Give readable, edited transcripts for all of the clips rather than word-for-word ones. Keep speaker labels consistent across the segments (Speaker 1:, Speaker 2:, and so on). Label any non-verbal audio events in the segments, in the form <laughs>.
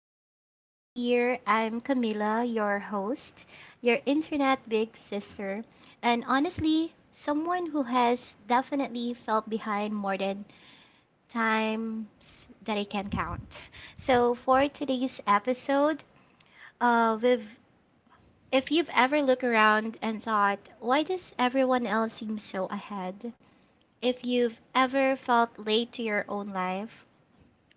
Speaker 1: is your first time here, I'm Camila, your host, your internet big sister, and honestly, someone who has definitely felt behind more than times that I can count. So, for today's episode, we've if you've ever looked around and thought, why does everyone else seem so ahead? If you've ever felt late to your own life,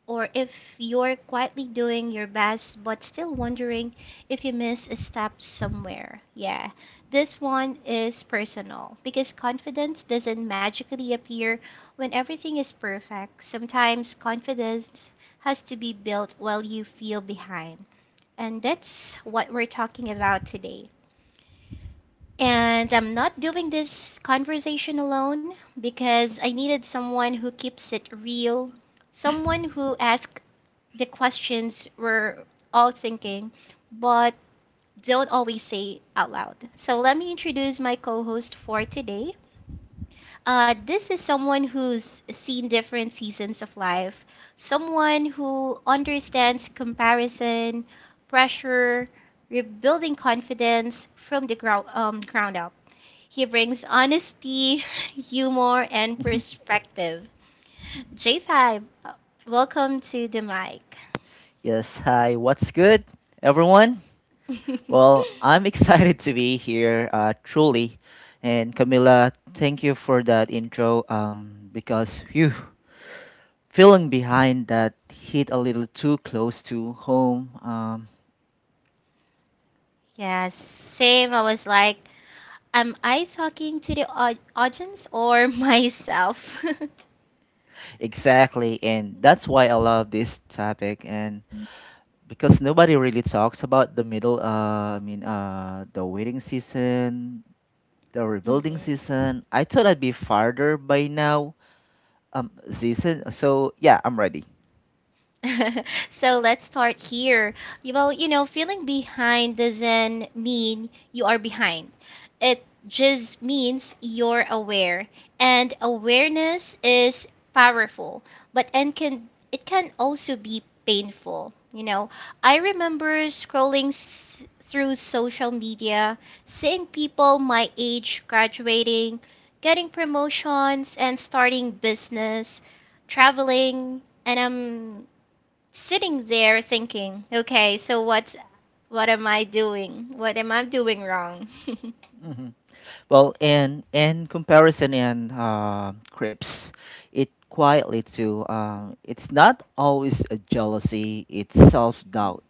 Speaker 1: or if you're quietly doing your best but still wondering if you miss a step somewhere. Yeah, this one is personal because confidence doesn't magically appear when everything is perfect. Sometimes confidence has to be built while you feel behind. And that's what we're talking about today. And I'm not doing this conversation alone because I needed someone who keeps it real, someone who asks the questions we're all thinking, but don't always say out loud. So let me introduce my co-host for today. This is someone who's seen different seasons of life, someone who understands comparison, pressure, rebuilding confidence from the ground up. He brings honesty, <laughs> humor, and
Speaker 2: <laughs>
Speaker 1: perspective. J5, welcome to the mic.
Speaker 2: Yes, hi, what's good, everyone? Well, I'm <laughs>
Speaker 1: <laughs>
Speaker 2: excited to be here, truly. And Camila, thank you for that intro because, phew, feeling behind that hit a little too close to home.
Speaker 1: Yes, same. I was like, am I talking to the audience or <laughs> myself? <laughs>
Speaker 2: Exactly, and that's why I love this topic. And because nobody really talks about the middle, the waiting season, the rebuilding
Speaker 1: Hmm.
Speaker 2: season, I thought I'd be farther by now season so, yeah, I'm ready.
Speaker 1: <laughs> So let's start here. Well, you know, feeling behind doesn't mean you are behind. It just means you're aware. And awareness is powerful, but and can it can also be painful. You know, I remember scrolling through social media, seeing people my age graduating, getting promotions and starting business, traveling, and I'm sitting there thinking, okay, so what am I doing? What am I doing wrong? <laughs>
Speaker 2: Hmm. Well, in comparison, in crips it quietly too. It's not always a jealousy, it's self-doubt.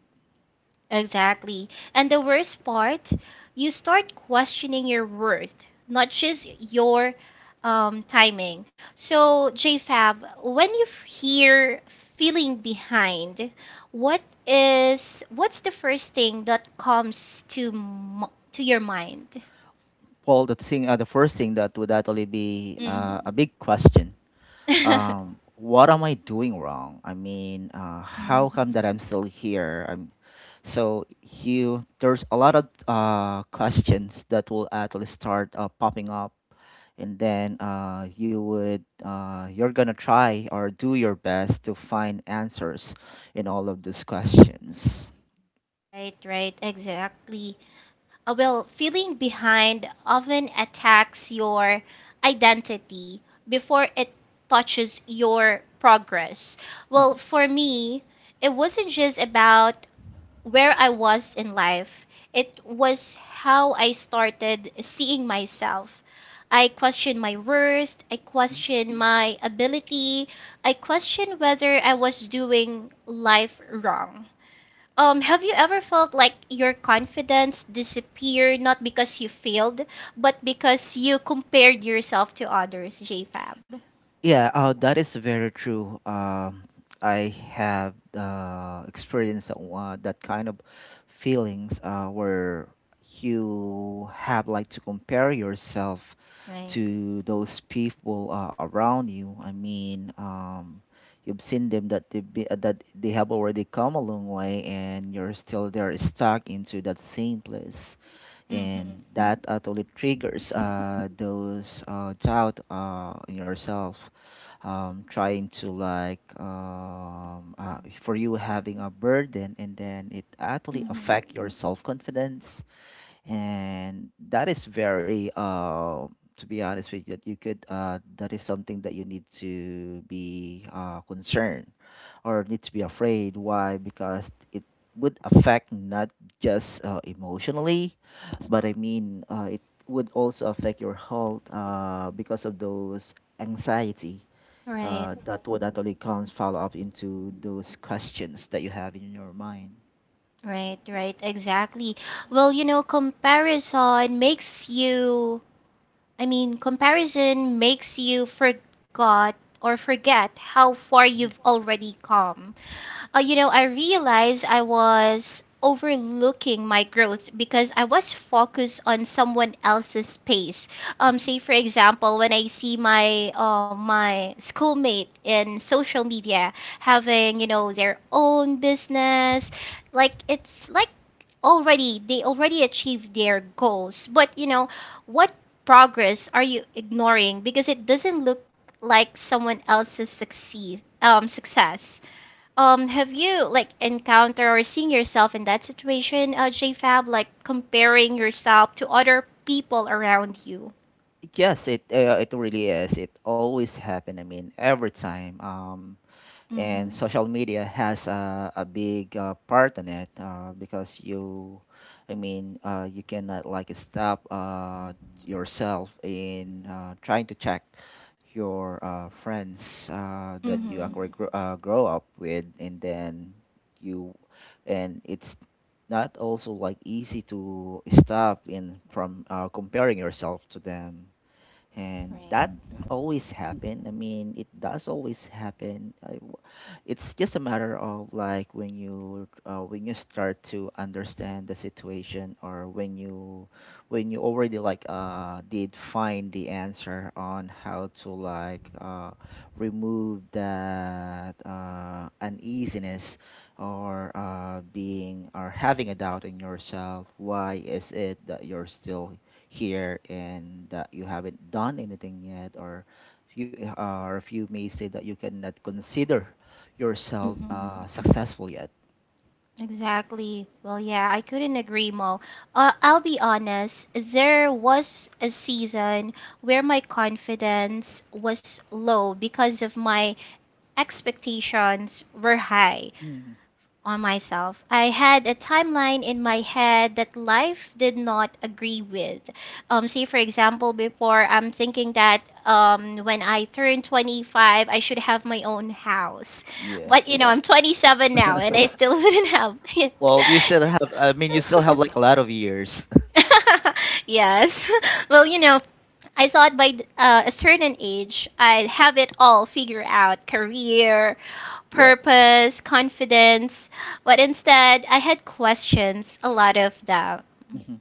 Speaker 1: Exactly. And the worst part, you start questioning your worth, not just your timing. So, JFab, when you hear feeling behind, what's the first thing that comes to to your mind?
Speaker 2: Well, the first thing that would actually be
Speaker 1: Hmm.
Speaker 2: a big question,
Speaker 1: <laughs>
Speaker 2: what am I doing wrong? How come
Speaker 1: Hmm.
Speaker 2: that I'm still here? So you, there's a lot of questions that will actually start popping up, and then you're gonna try or do your best to find answers in all of these questions.
Speaker 1: Right, right, exactly. Well, feeling behind often attacks your identity before it touches your progress. Well,
Speaker 2: Mhm.
Speaker 1: for me, it wasn't just about where I was in life, it was how I started seeing myself. I questioned my worth, I questioned my ability, I questioned whether I was doing life wrong. Have you ever felt like your confidence disappeared not because you failed, but because you compared yourself to others, JFab?
Speaker 2: Yeah, that is very true. I have experienced that kind of feelings where you have like to compare yourself
Speaker 1: Right.
Speaker 2: to those people around you. You've seen them that that they have already come a long way, and you're still there stuck into that same place,
Speaker 1: Mm-hmm.
Speaker 2: and that actually triggers those doubt in yourself, trying to like for you having a burden, and then it actually
Speaker 1: Mm-hmm.
Speaker 2: affect your self-confidence, and that is very to be honest with you, that you could that is something that you need to be concerned or need to be afraid. Why? Because it would affect not just emotionally, but it would also affect your health because of those anxiety
Speaker 1: Right,
Speaker 2: that would actually comes follow up into those questions that you have in your mind.
Speaker 1: right, right, exactly. Well, you know, comparison makes you I mean, comparison makes you forgot or forget how far you've already come. You know, I realized I was overlooking my growth because I was focused on someone else's pace. Say for example, when I see my schoolmate in social media having their own business, like it's like already they already achieved their goals. But you know what progress are you ignoring because it doesn't look like someone else's succeed success. Have you like encounter or seen yourself in that situation JFab, like comparing yourself to other people around you?
Speaker 2: Yes, it really is. It always happen. I mean, every time. And
Speaker 1: Mm-hmm.
Speaker 2: social media has a big part in it, because you I mean you cannot like stop yourself in trying to check your friends that you Mm.
Speaker 1: Mm-hmm.
Speaker 2: actually grow, grow up with, and then you and it's not also like easy to stop in from comparing yourself to them, and
Speaker 1: Right.
Speaker 2: that always happen. I mean, it does always happen. I w It's just a matter of like when you start to understand the situation, or when you already like did find the answer on how to like remove that uneasiness or being or having a doubt in yourself, why is it that you're still here and that you haven't done anything yet, or you or if you may say that you cannot consider yourself
Speaker 1: Mm-hmm.
Speaker 2: successful yet.
Speaker 1: Exactly. Well, yeah, I couldn't agree more. I'll be honest, there was a season where my confidence was low because of my expectations were high
Speaker 2: Mm,
Speaker 1: on myself. I had a timeline in my head that life did not agree with. Say, for example, before I'm thinking that when I turn 25, I should have my own house.
Speaker 2: yeah.
Speaker 1: But, you know, I'm 27 now and I still <laughs> didn't have.
Speaker 2: Well, you still have, I mean, you still have like a
Speaker 1: <laughs> <laughs>
Speaker 2: lot of years.
Speaker 1: <laughs> Yes. <laughs> Well, you know, I thought by a certain age, I'd have it all figured out career,
Speaker 2: <laughs> Yes.
Speaker 1: purpose, confidence. But instead, I had questions, a lot of doubt.
Speaker 2: Mhm.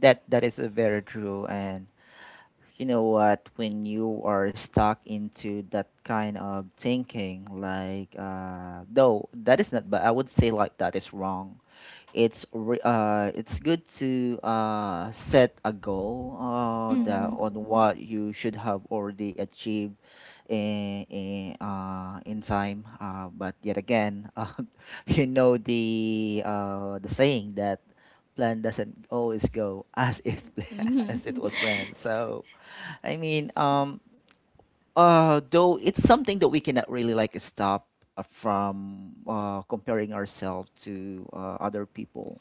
Speaker 2: That that is very true. And you know what, when you are stuck into that kind of thinking, like though that is not, but I would say like that is wrong. It's good to set a goal that
Speaker 1: Mm-hmm.
Speaker 2: on what you should have already achieved in time, but yet again, <laughs> you know the saying that plan doesn't always go as it <laughs>
Speaker 1: Mm,
Speaker 2: as
Speaker 1: hmm.
Speaker 2: it was planned. I mean um though it's something that we cannot really like stop from comparing ourselves to other people.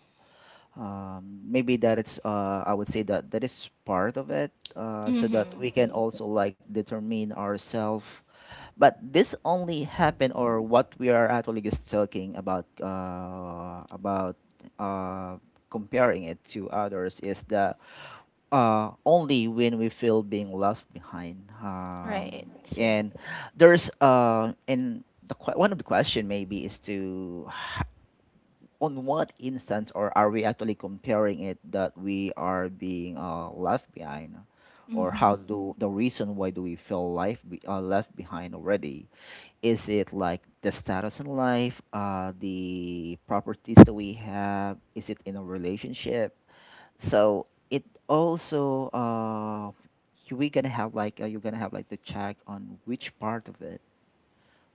Speaker 2: Maybe that it's I would say that that is part of it,
Speaker 1: Mm.
Speaker 2: so
Speaker 1: Mm-hmm.
Speaker 2: that we can also like determine ourselves. But this only happen, or what we are actually just talking about, uh, comparing it to others, is that only when we feel being left behind,
Speaker 1: Right.
Speaker 2: and there's and one of the question maybe is to on what instance, or are we actually comparing it, that we are being left behind, or how Mm-hmm. do the reason why do we feel life left behind already. Is it like the status in life, the properties that we have, is it in a relationship? So it also we gonna have like you're gonna have like to check on which part of it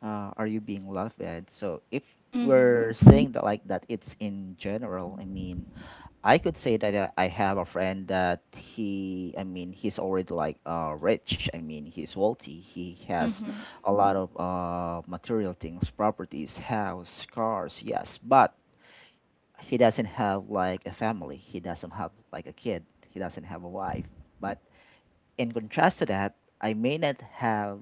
Speaker 2: are you being laughed at? So if
Speaker 1: Mm, hmm.
Speaker 2: we're saying that like that, it's in general. I mean, I could say that I have a friend that he, I mean, he's already like rich. I mean, he's wealthy. He has
Speaker 1: Mm-hmm.
Speaker 2: a lot of material things, properties, house, cars, yes, but he doesn't have like a family. He doesn't have like a kid. He doesn't have a wife. But in contrast to that, I may not have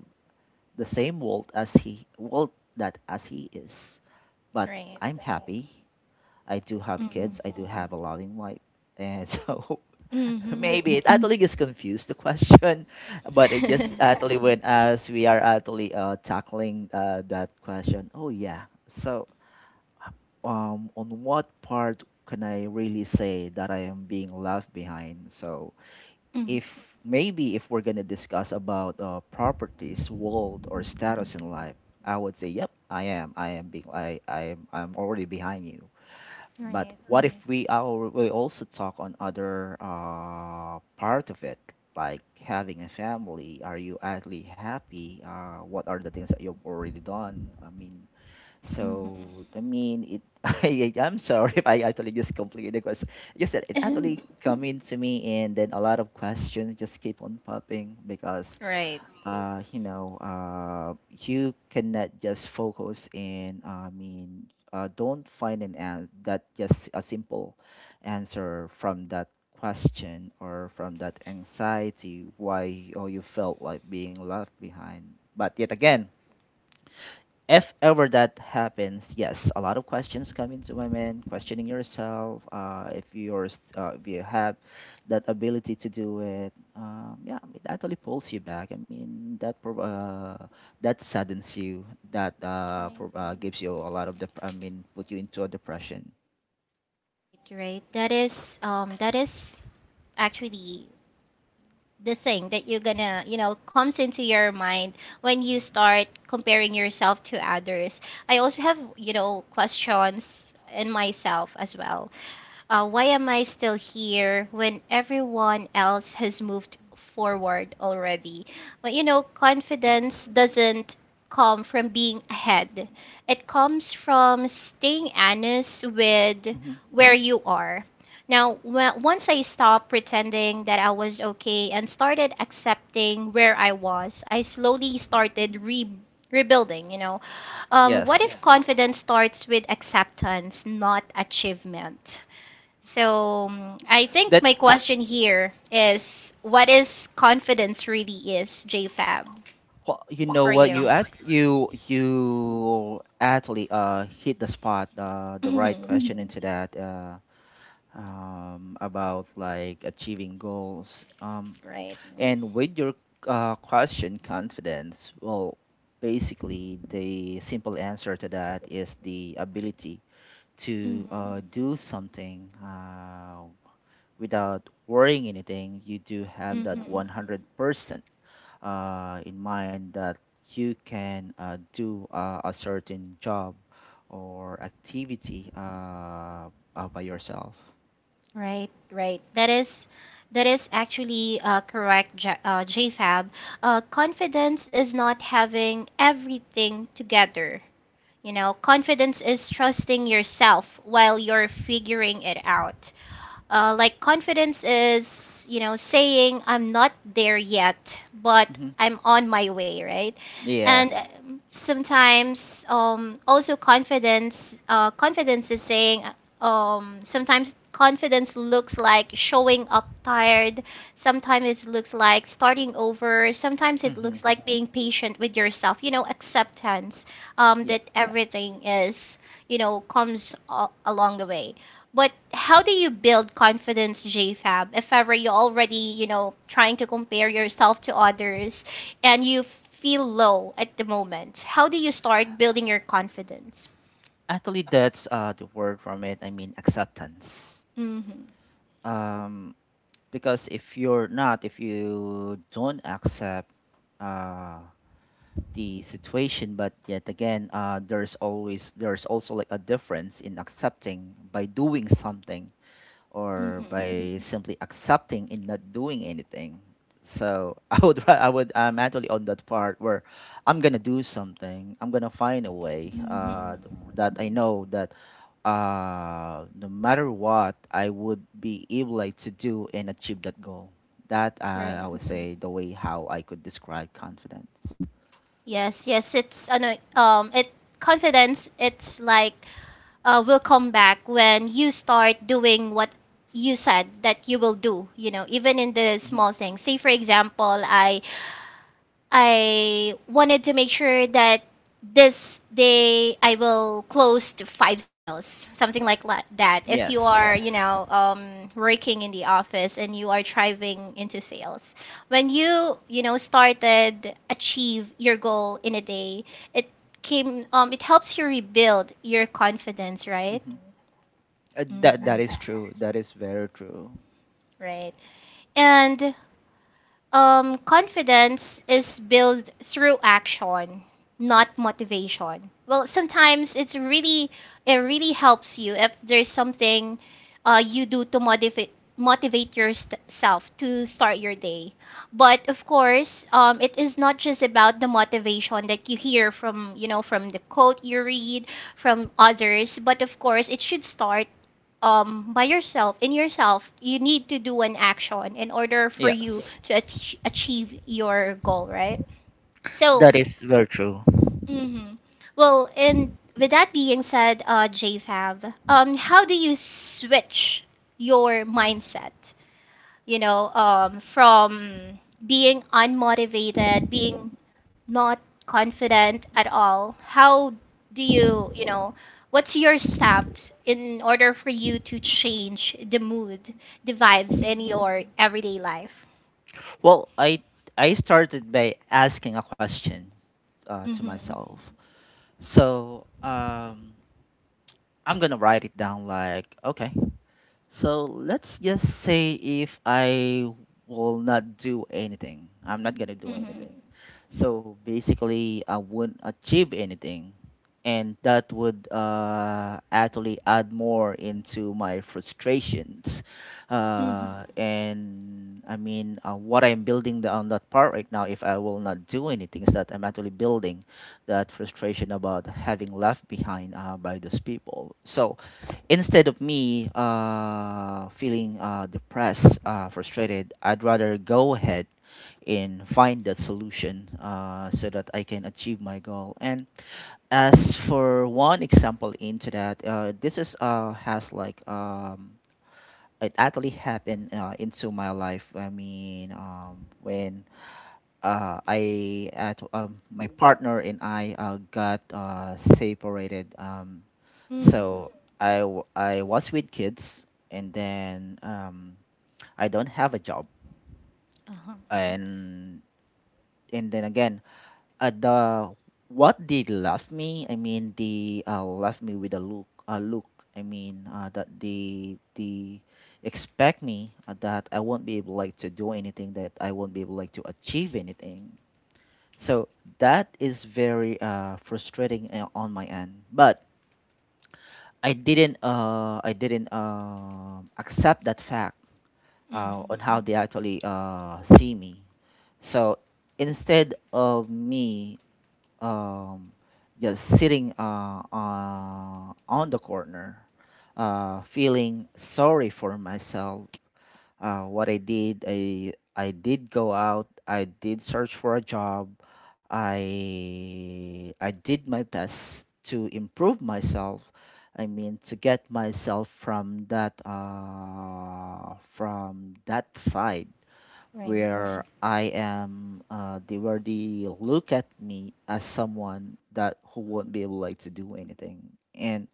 Speaker 2: the same wealth as he wealth that as he is, but
Speaker 1: Right.
Speaker 2: I'm happy. I do have
Speaker 1: Mm-hmm.
Speaker 2: kids. I do have a loving wife, and so <laughs>
Speaker 1: Mm-hmm.
Speaker 2: maybe it actually gets confused the question, but it just
Speaker 1: <laughs>
Speaker 2: actually when as we are actually tackling that question. Oh yeah. So on what part can I really say that I am being left behind? So if maybe if we're gonna discuss about properties, world, or status in life, I would say, yep, I am. I am being. I am. I'm already behind you. But
Speaker 1: Right,
Speaker 2: what if we also talk on other part of it, like having a family? Are you actually happy? What are the things that you've already done? I mean, so I mean it. <laughs> I'm sorry if I actually just completed the question. Yes, it actually come into me, and then a lot of questions just keep on popping because you know, you cannot just focus in. I mean, don't find an that just a simple answer from that question, or from that anxiety, why oh you felt like being left behind. But yet again, if ever that happens, yes, a lot of questions come into my mind, questioning yourself, if if you have that ability to do it, yeah, it actually pulls you back. I mean, that saddens you, that
Speaker 1: <laughs> right. Right.
Speaker 2: gives you a lot of, I mean, put you into a depression.
Speaker 1: Right. That is actually the thing that you're gonna comes into your mind when you start comparing yourself to others. I also have questions in myself as well. Why am I still here when everyone else has moved forward already? But you know, confidence doesn't come from being ahead, it comes from staying honest with
Speaker 2: Hmm.
Speaker 1: where you are. Now, once I stopped pretending that I was okay and started accepting where I was, I slowly started rebuilding, you know. What if
Speaker 2: Yes,
Speaker 1: confidence starts with acceptance, not achievement? So I think
Speaker 2: that
Speaker 1: my question here is what is confidence really is, JFab,
Speaker 2: Well, you know
Speaker 1: for
Speaker 2: what,
Speaker 1: you?
Speaker 2: you at you you actually hit the spot the right
Speaker 1: Hmm.
Speaker 2: question into that. About like achieving goals.
Speaker 1: <laughs> Right.
Speaker 2: And with your question, confidence, well, basically the simple answer to that is the ability to
Speaker 1: Hmm.
Speaker 2: do something without worrying anything. You do have that
Speaker 1: Hmm.
Speaker 2: 100% in mind that you can do a certain job or activity, by yourself.
Speaker 1: Right, right. That is actually correct, JFab. Confidence is not having everything together. You know, confidence is trusting yourself while you're figuring it out. Like confidence is, you know, saying I'm not there yet, but
Speaker 2: Hmm.
Speaker 1: I'm on my way, right?
Speaker 2: Yeah.
Speaker 1: And sometimes, also confidence is saying, sometimes confidence looks like showing up tired. Sometimes it looks like starting over. Sometimes it looks
Speaker 2: Mm-hmm.
Speaker 1: like being patient with yourself. You know, acceptance,
Speaker 2: Yeah.
Speaker 1: that everything is, comes along the way. But how do you build confidence, JFab, if ever you already, you know, trying to compare yourself to others and you feel low at the moment? How do you start building your confidence?
Speaker 2: Actually, that's the word from it. I mean, acceptance.
Speaker 1: Mm-hmm.
Speaker 2: Um, because if you're not, if you don't accept uh, the situation, but yet again, there's always, there's also like a difference in accepting by doing something, or
Speaker 1: Mm-hmm.
Speaker 2: by simply accepting and not doing anything. So <laughs> I would I'm actually on that part where I'm gonna do something. I'm gonna find a way,
Speaker 1: Mm-hmm.
Speaker 2: that I know that no matter what, I would be able like to do and achieve that goal. That
Speaker 1: Right.
Speaker 2: I would say the way how I could describe confidence.
Speaker 1: Yes, yes, it's ano, it confidence it's like will come back when you start doing what you said that you will do, you know, even in the
Speaker 2: Mhm.
Speaker 1: small things. Say, for example, I wanted to make sure that this day I will close to five sales, something like that. If you
Speaker 2: Yes.
Speaker 1: are, you know, working in the office and you are thriving into sales, when you know, started achieve your goal in a day, it came, it helps you rebuild your confidence, right?
Speaker 2: Mhm. That that is
Speaker 1: Hmm.
Speaker 2: true. That is very true.
Speaker 1: Right. And confidence is built through action, not motivation. Well, sometimes it really helps you if there's something you do to motivate yourself to start your day. But of course, it is not just about the motivation that you hear from you know from the quote you read from others. But of course, it should start by yourself, in yourself, you need to do an action in order for you
Speaker 2: Yes.
Speaker 1: to achieve your goal, right? So,
Speaker 2: That is very true.
Speaker 1: hmm well, and with that being said, JFab, how do you switch your mindset from being unmotivated, being not confident at all? How do you, you know, what's your steps in order for you to change the mood, the vibes in your everyday life?
Speaker 2: Well, I started by asking a question to
Speaker 1: Mm-hmm.
Speaker 2: myself. So I'm gonna write it down. Like, okay, so let's just say if I will not do anything, I'm not gonna do
Speaker 1: Mm-hmm.
Speaker 2: anything. So basically, I wouldn't achieve anything. And that would actually add more into my frustrations.
Speaker 1: Mm-hmm.
Speaker 2: What I'm building the, on that part right now, if I will not do anything, is that I'm actually building that frustration about having left behind by those people. So instead of me feeling depressed, frustrated, I'd rather go ahead and find that solution, so that I can achieve my goal. And as for one example into that, this is has like it actually happened into my life. When I at my partner and I got separated.
Speaker 1: Mm-hmm.
Speaker 2: So I was with kids, and then I don't have a job,
Speaker 1: Uh-huh.
Speaker 2: and and then again, the what they left me, I mean, they left me with a look. A look. I mean, that they expect me that I won't be able like to do anything, that I won't be able like to achieve anything. So that is very frustrating on my end. But I didn't accept that fact
Speaker 1: Mm-hmm.
Speaker 2: on how they actually see me. So instead of me um just sitting on the corner, feeling sorry for myself. What I did, I did go out, I did search for a job. I did my best to improve myself, I mean, to get myself from that side
Speaker 1: Right.
Speaker 2: where I am, they where they look at me as someone that who won't be able like to do anything. And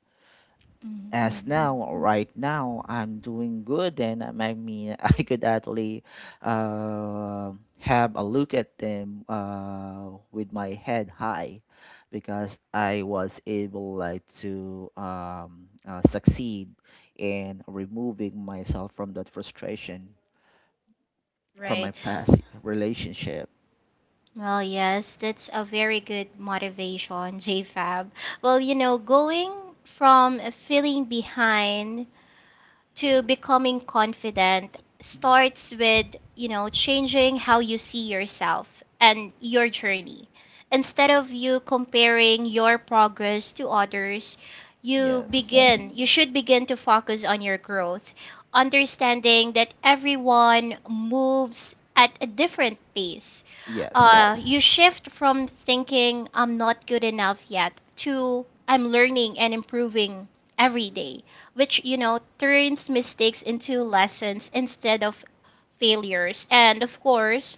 Speaker 1: Mm-hmm.
Speaker 2: as now, right now, I'm doing good, and I mean <laughs> I could actually uh, have a look at them with my head high because I was able like to succeed in removing myself from that frustration from my
Speaker 1: Right.
Speaker 2: Past relationship.
Speaker 1: Well, yes, that's a very good motivation, <laughs> JFab. Well, you know, going from feeling behind to becoming confident starts with, you know, changing how you see yourself and your journey. Instead of you comparing your progress to others, you
Speaker 2: Yes.
Speaker 1: begin, you should begin to focus on your growth, understanding that everyone moves at a different pace. Uh,
Speaker 2: Yes.
Speaker 1: you shift from thinking I'm not good enough yet to I'm learning and improving every day, which you know turns mistakes into lessons instead of failures. And of course,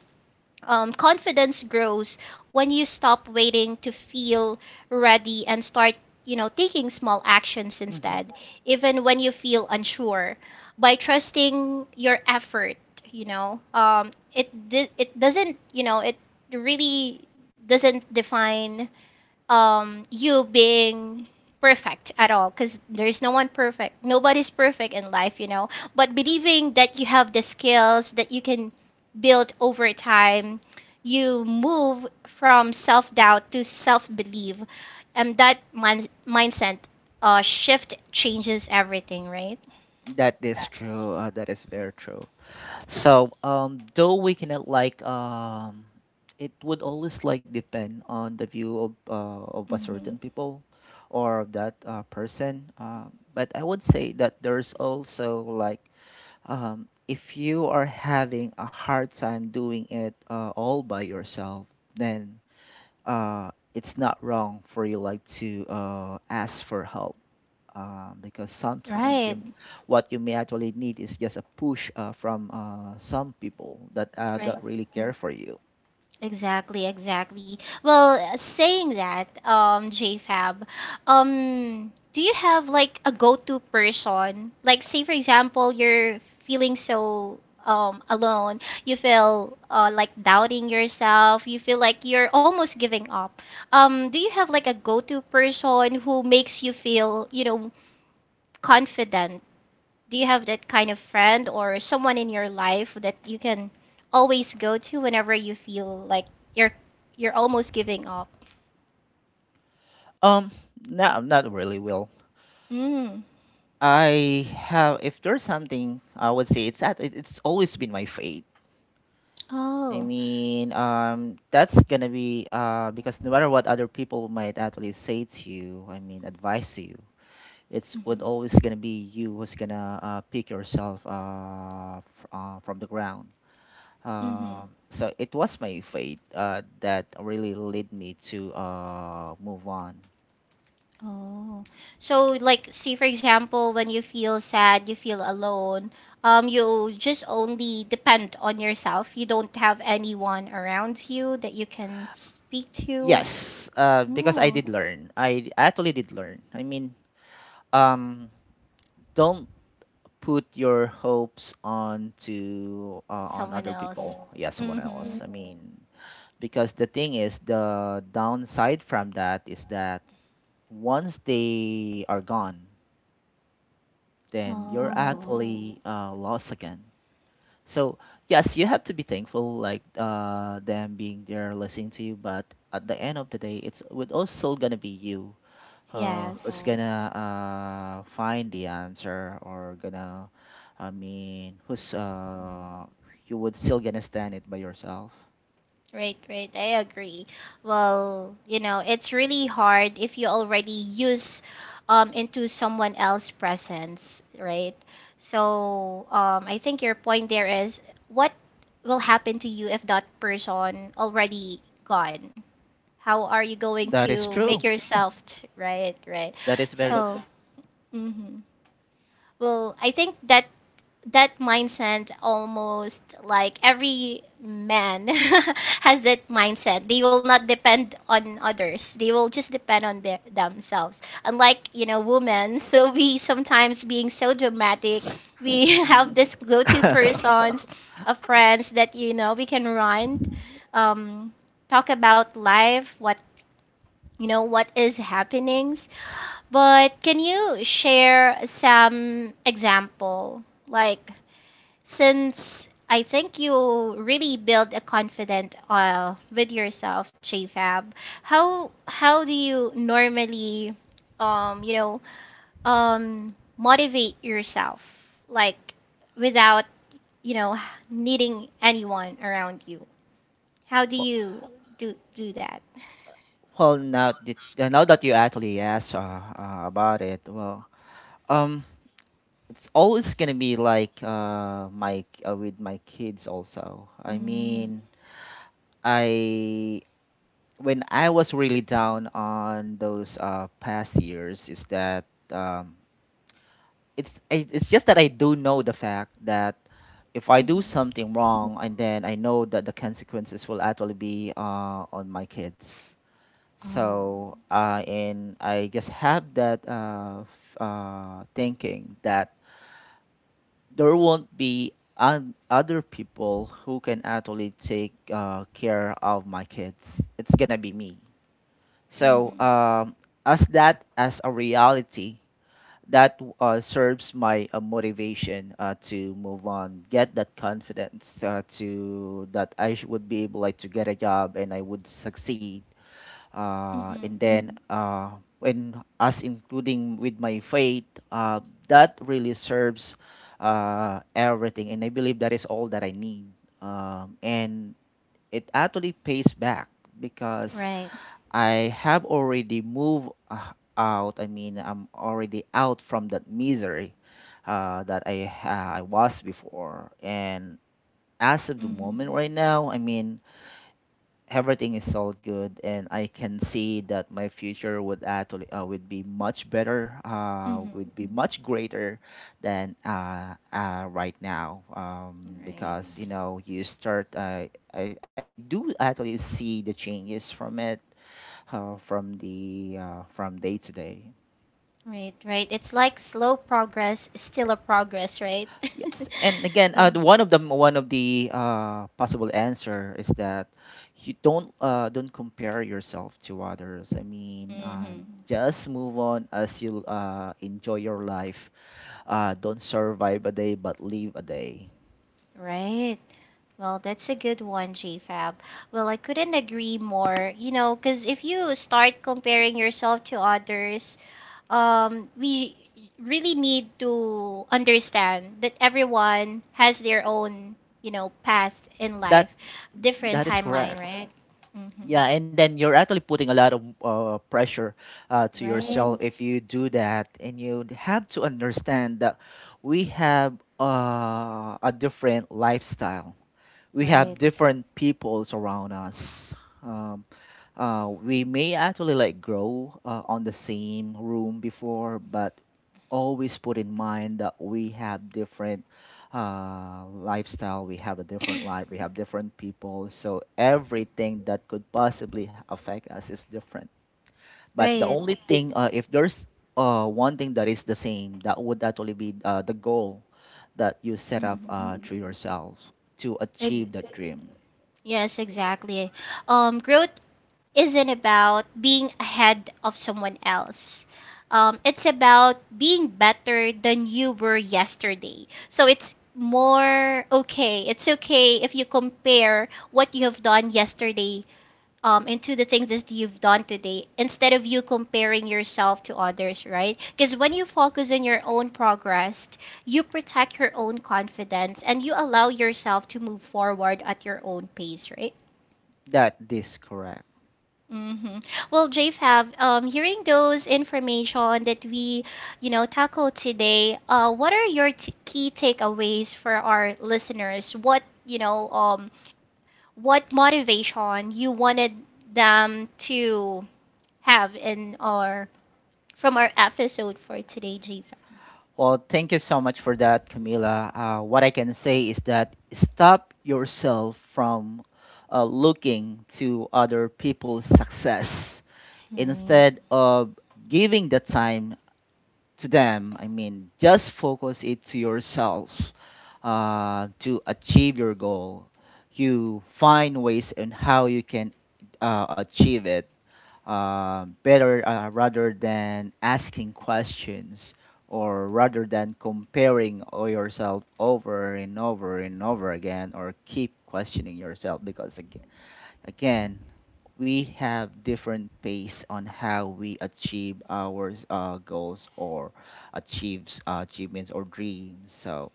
Speaker 1: confidence grows when you stop waiting to feel ready and start, you know, taking small actions
Speaker 2: Hmm.
Speaker 1: instead, even when you feel unsure. By trusting your effort, it doesn't, it really doesn't define you being perfect at all, because there's no one perfect, nobody's perfect in life, you know. But believing that you have the skills that you can build over time, you move from self-doubt to self-belief, and that mindset shift changes everything, right?
Speaker 2: That is true. That is very true. So, though we cannot like it would always like depend on the view of a certain
Speaker 1: Mm-hmm.
Speaker 2: people, or of that person. But I would say that there's also like, if you are having a hard time doing it all by yourself, then it's not wrong for you like to ask for help, because sometimes
Speaker 1: Right,
Speaker 2: you what you may actually need is just a push from some people that
Speaker 1: right.
Speaker 2: really care for you.
Speaker 1: Exactly, exactly. Well, saying that, JFab, do you have like a go-to person? Like, say for example, you're feeling so alone, you feel like doubting yourself, you feel like you're almost giving up. Do you have like a go-to person who makes you feel, confident? Do you have that kind of friend or someone in your life that you can always go to whenever you feel like you're you're almost giving up?
Speaker 2: Um, no, not really. Will
Speaker 1: Mm.
Speaker 2: I have? If there's something, I would say it's that it's always been my fate. I
Speaker 1: Oh.
Speaker 2: mean, that's gonna be because no matter what other people might actually say to you, I mean, advise to you, it's would
Speaker 1: Mm-hmm.
Speaker 2: always gonna be you who's gonna pick yourself from the ground.
Speaker 1: Mm-hmm.
Speaker 2: So it was my faith that really led me to move on.
Speaker 1: Oh. So like see for example when you feel sad, you feel alone, you just only depend on yourself. You don't have anyone around you that you can speak to.
Speaker 2: Yes, because I
Speaker 1: Oh.
Speaker 2: did learn. I actually did learn. I mean, um, don't put your hopes on to on
Speaker 1: Someone
Speaker 2: other
Speaker 1: else.
Speaker 2: people. Yeah, someone
Speaker 1: Mm-hmm.
Speaker 2: else. I mean, because the thing is, the downside from that is that once they are gone, then you're
Speaker 1: Oh.
Speaker 2: actually lost again. So yes, you have to be thankful, like them being there listening to you. But at the end of the day, it's would also gonna be you who's
Speaker 1: Yes.
Speaker 2: gonna find the answer, or gonna, I mean, who's you would still gonna stand it by yourself.
Speaker 1: Right, right. I agree. Well, you know, it's really hard if you already use into someone else's presence, right? So, I think your point there is what will happen to you if that person already gone? How are you going
Speaker 2: That is
Speaker 1: to
Speaker 2: true.
Speaker 1: make yourself, right, right?
Speaker 2: That is very.
Speaker 1: So, mhm. Well, I think that mindset almost like every man <laughs> has that mindset, they will not depend on others, they will just depend on their themselves, unlike women, <laughs> so we sometimes being so dramatic, we <laughs>
Speaker 2: Hmm.
Speaker 1: have this go-to
Speaker 2: <laughs>
Speaker 1: persons of friends that we can run um, talk about life, what you know what is happenings. But can you share some example, like since I think you really build a confident with yourself, JFab, how do you normally um you know motivate yourself like without you know needing anyone around you? How do
Speaker 2: Well,
Speaker 1: you do that?
Speaker 2: well, now that now that you actually asked about it, well, um, it's always gonna be like my with my kids also, I
Speaker 1: Mm.
Speaker 2: mean, I, when I was really down on those past years, is that it's it's just that I do know the fact that if I do
Speaker 1: Mm-hmm.
Speaker 2: something wrong and then I know that the consequences will actually be on my kids.
Speaker 1: Oh.
Speaker 2: So and I just have that thinking that there won't be an other people who can actually take care of my kids. It's gonna be me. So
Speaker 1: Mm-hmm.
Speaker 2: as that as a reality, that serves my motivation to move on, get that confidence to that I would be able like to get a job and I would succeed,
Speaker 1: Mm-hmm.
Speaker 2: and then and us including with my faith, that really serves everything, and I believe that is all that I need. And it actually pays back because
Speaker 1: Right.
Speaker 2: I have already moved out, I mean, I'm already out from that misery I was before, and as of the moment
Speaker 1: Mm-hmm.
Speaker 2: right now, I mean, everything is all good, and I can see that my future would actually would be much better,
Speaker 1: Mm-hmm.
Speaker 2: would be much greater than right now, because
Speaker 1: Right.
Speaker 2: you know, you start I do actually see the changes from it, from the from day to day.
Speaker 1: Right, right. It's like slow progress is still a progress, right?
Speaker 2: Yes, and
Speaker 1: <laughs>
Speaker 2: again,
Speaker 1: Yeah.
Speaker 2: one of the possible answer is that you don't compare yourself to others. I mean,
Speaker 1: Mm-hmm.
Speaker 2: just move on as you enjoy your life. Don't survive a day, but live a day.
Speaker 1: Right. Well, that's a good one, JFab. Well, I couldn't agree more. You know, because if you start comparing yourself to others, we really need to understand that everyone has their own, you know, path in life,
Speaker 2: That
Speaker 1: different
Speaker 2: that is
Speaker 1: timeline,
Speaker 2: correct.
Speaker 1: right? Mm-hmm.
Speaker 2: Yeah, and then you're actually putting a lot of pressure to
Speaker 1: Right,
Speaker 2: yourself if you do that, and you have to understand that we have a different lifestyle, we have
Speaker 1: right,
Speaker 2: different peoples around us. Um, we may actually like grow on the same room before, but always put in mind that we have different lifestyle, we have a different life, we have different people. So everything that could possibly affect us is different. But the
Speaker 1: right.
Speaker 2: only thing, if there's one thing that is the same, that would actually be the goal that you set up
Speaker 1: Mm-hmm.
Speaker 2: to yourself to achieve
Speaker 1: Ex-
Speaker 2: that dream.
Speaker 1: Yes, exactly. Growth isn't about being ahead of someone else. It's about being better than you were yesterday. So it's more okay. It's okay if you compare what you have done yesterday into the things that you've done today instead of you comparing yourself to others, right? Because when you focus on your own progress, you protect your own confidence and you allow yourself to move forward at your own pace, right?
Speaker 2: That is correct.
Speaker 1: Mm-hmm. Well, JFab, hearing those information that we, tackled today, what are your key takeaways for our listeners? What motivation you wanted them to have in our from our episode for today, Jiva.
Speaker 2: Well, thank you so much for that, Camila. What I can say is that stop yourself from looking to other people's success instead of giving the time to them. I mean, just focus it to yourself to achieve your goal. You find ways and how you can achieve it better, rather than asking questions, or rather than comparing yourself over and over and over again, or keep questioning yourself because again, we have different pace on how we achieve our goals, or achieves achievements or dreams. So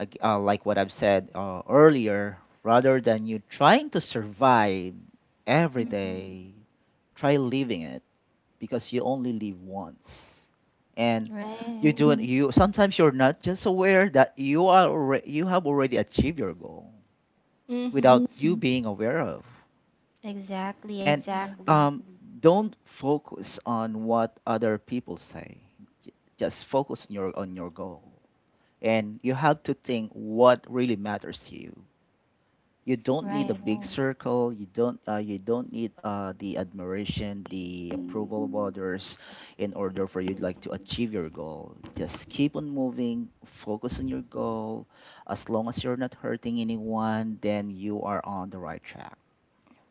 Speaker 2: like what I've said earlier, rather than you trying to survive every
Speaker 1: Mm-hmm.
Speaker 2: day, try living it, because you only live once, and
Speaker 1: Right.
Speaker 2: you do it, you sometimes you're not just aware that you are already, you have already achieved your goal
Speaker 1: Mm-hmm.
Speaker 2: without you being aware of.
Speaker 1: Exactly,
Speaker 2: And
Speaker 1: exactly.
Speaker 2: exactly, don't focus on what other people say. J- just focus on your goal, and you have to think what really matters to you. You don't need a
Speaker 1: Right.
Speaker 2: big circle. You don't need the admiration, the approval of others in order for you like to achieve your goal. Just keep on moving, focus on your goal. As long as you're not hurting anyone, then you are on the right track.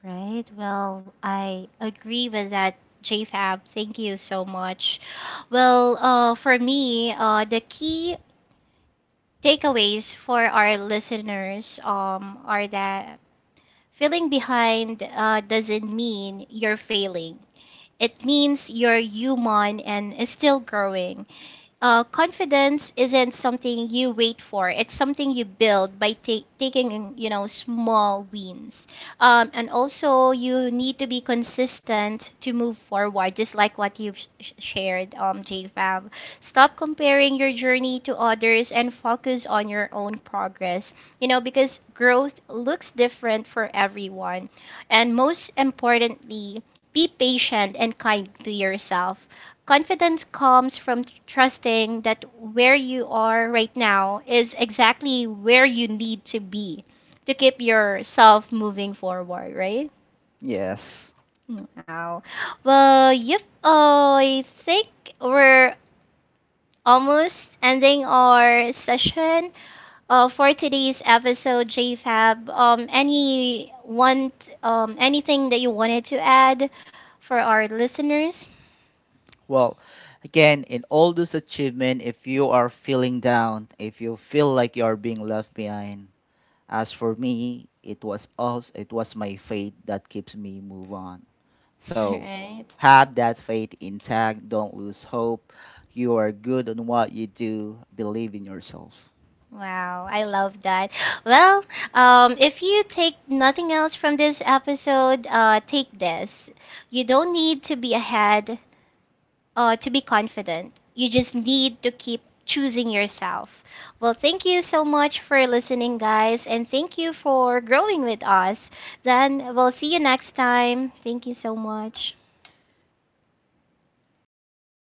Speaker 1: Right. Well, I agree with that, JFab. Thank you so much. Well, for me, the key takeaways for our listeners are that feeling behind doesn't mean you're failing. It means you're human and is still growing. Confidence isn't something you wait for. It's something you build by taking, small wins. And also, you need to be consistent to move forward, just like what you've shared, JFab. Stop comparing your journey to others and focus on your own progress, you know, because growth looks different for everyone. And most importantly, be patient and kind to yourself. Confidence comes from trusting that where you are right now is exactly where you need to be to keep yourself moving forward, right?
Speaker 2: Yes.
Speaker 1: Wow. Well, yep. I think we're almost ending our session for today's episode, JFab. Anything that you wanted to add for our listeners?
Speaker 2: Well, again, in all this achievement, if you are feeling down, if you feel like you are being left behind, as for me, it was also, it was my faith that keeps me move on.
Speaker 1: <laughs>
Speaker 2: So
Speaker 1: Right.
Speaker 2: have that faith intact. Don't lose hope. You are good on what you do. Believe in yourself.
Speaker 1: Wow, I love that. Well, if you take nothing else from this episode, take this. You don't need to be ahead to be confident. You just need to keep choosing yourself. Well, thank you so much for listening, guys, and thank you for growing with us. Then we'll see you next time. Thank you so much.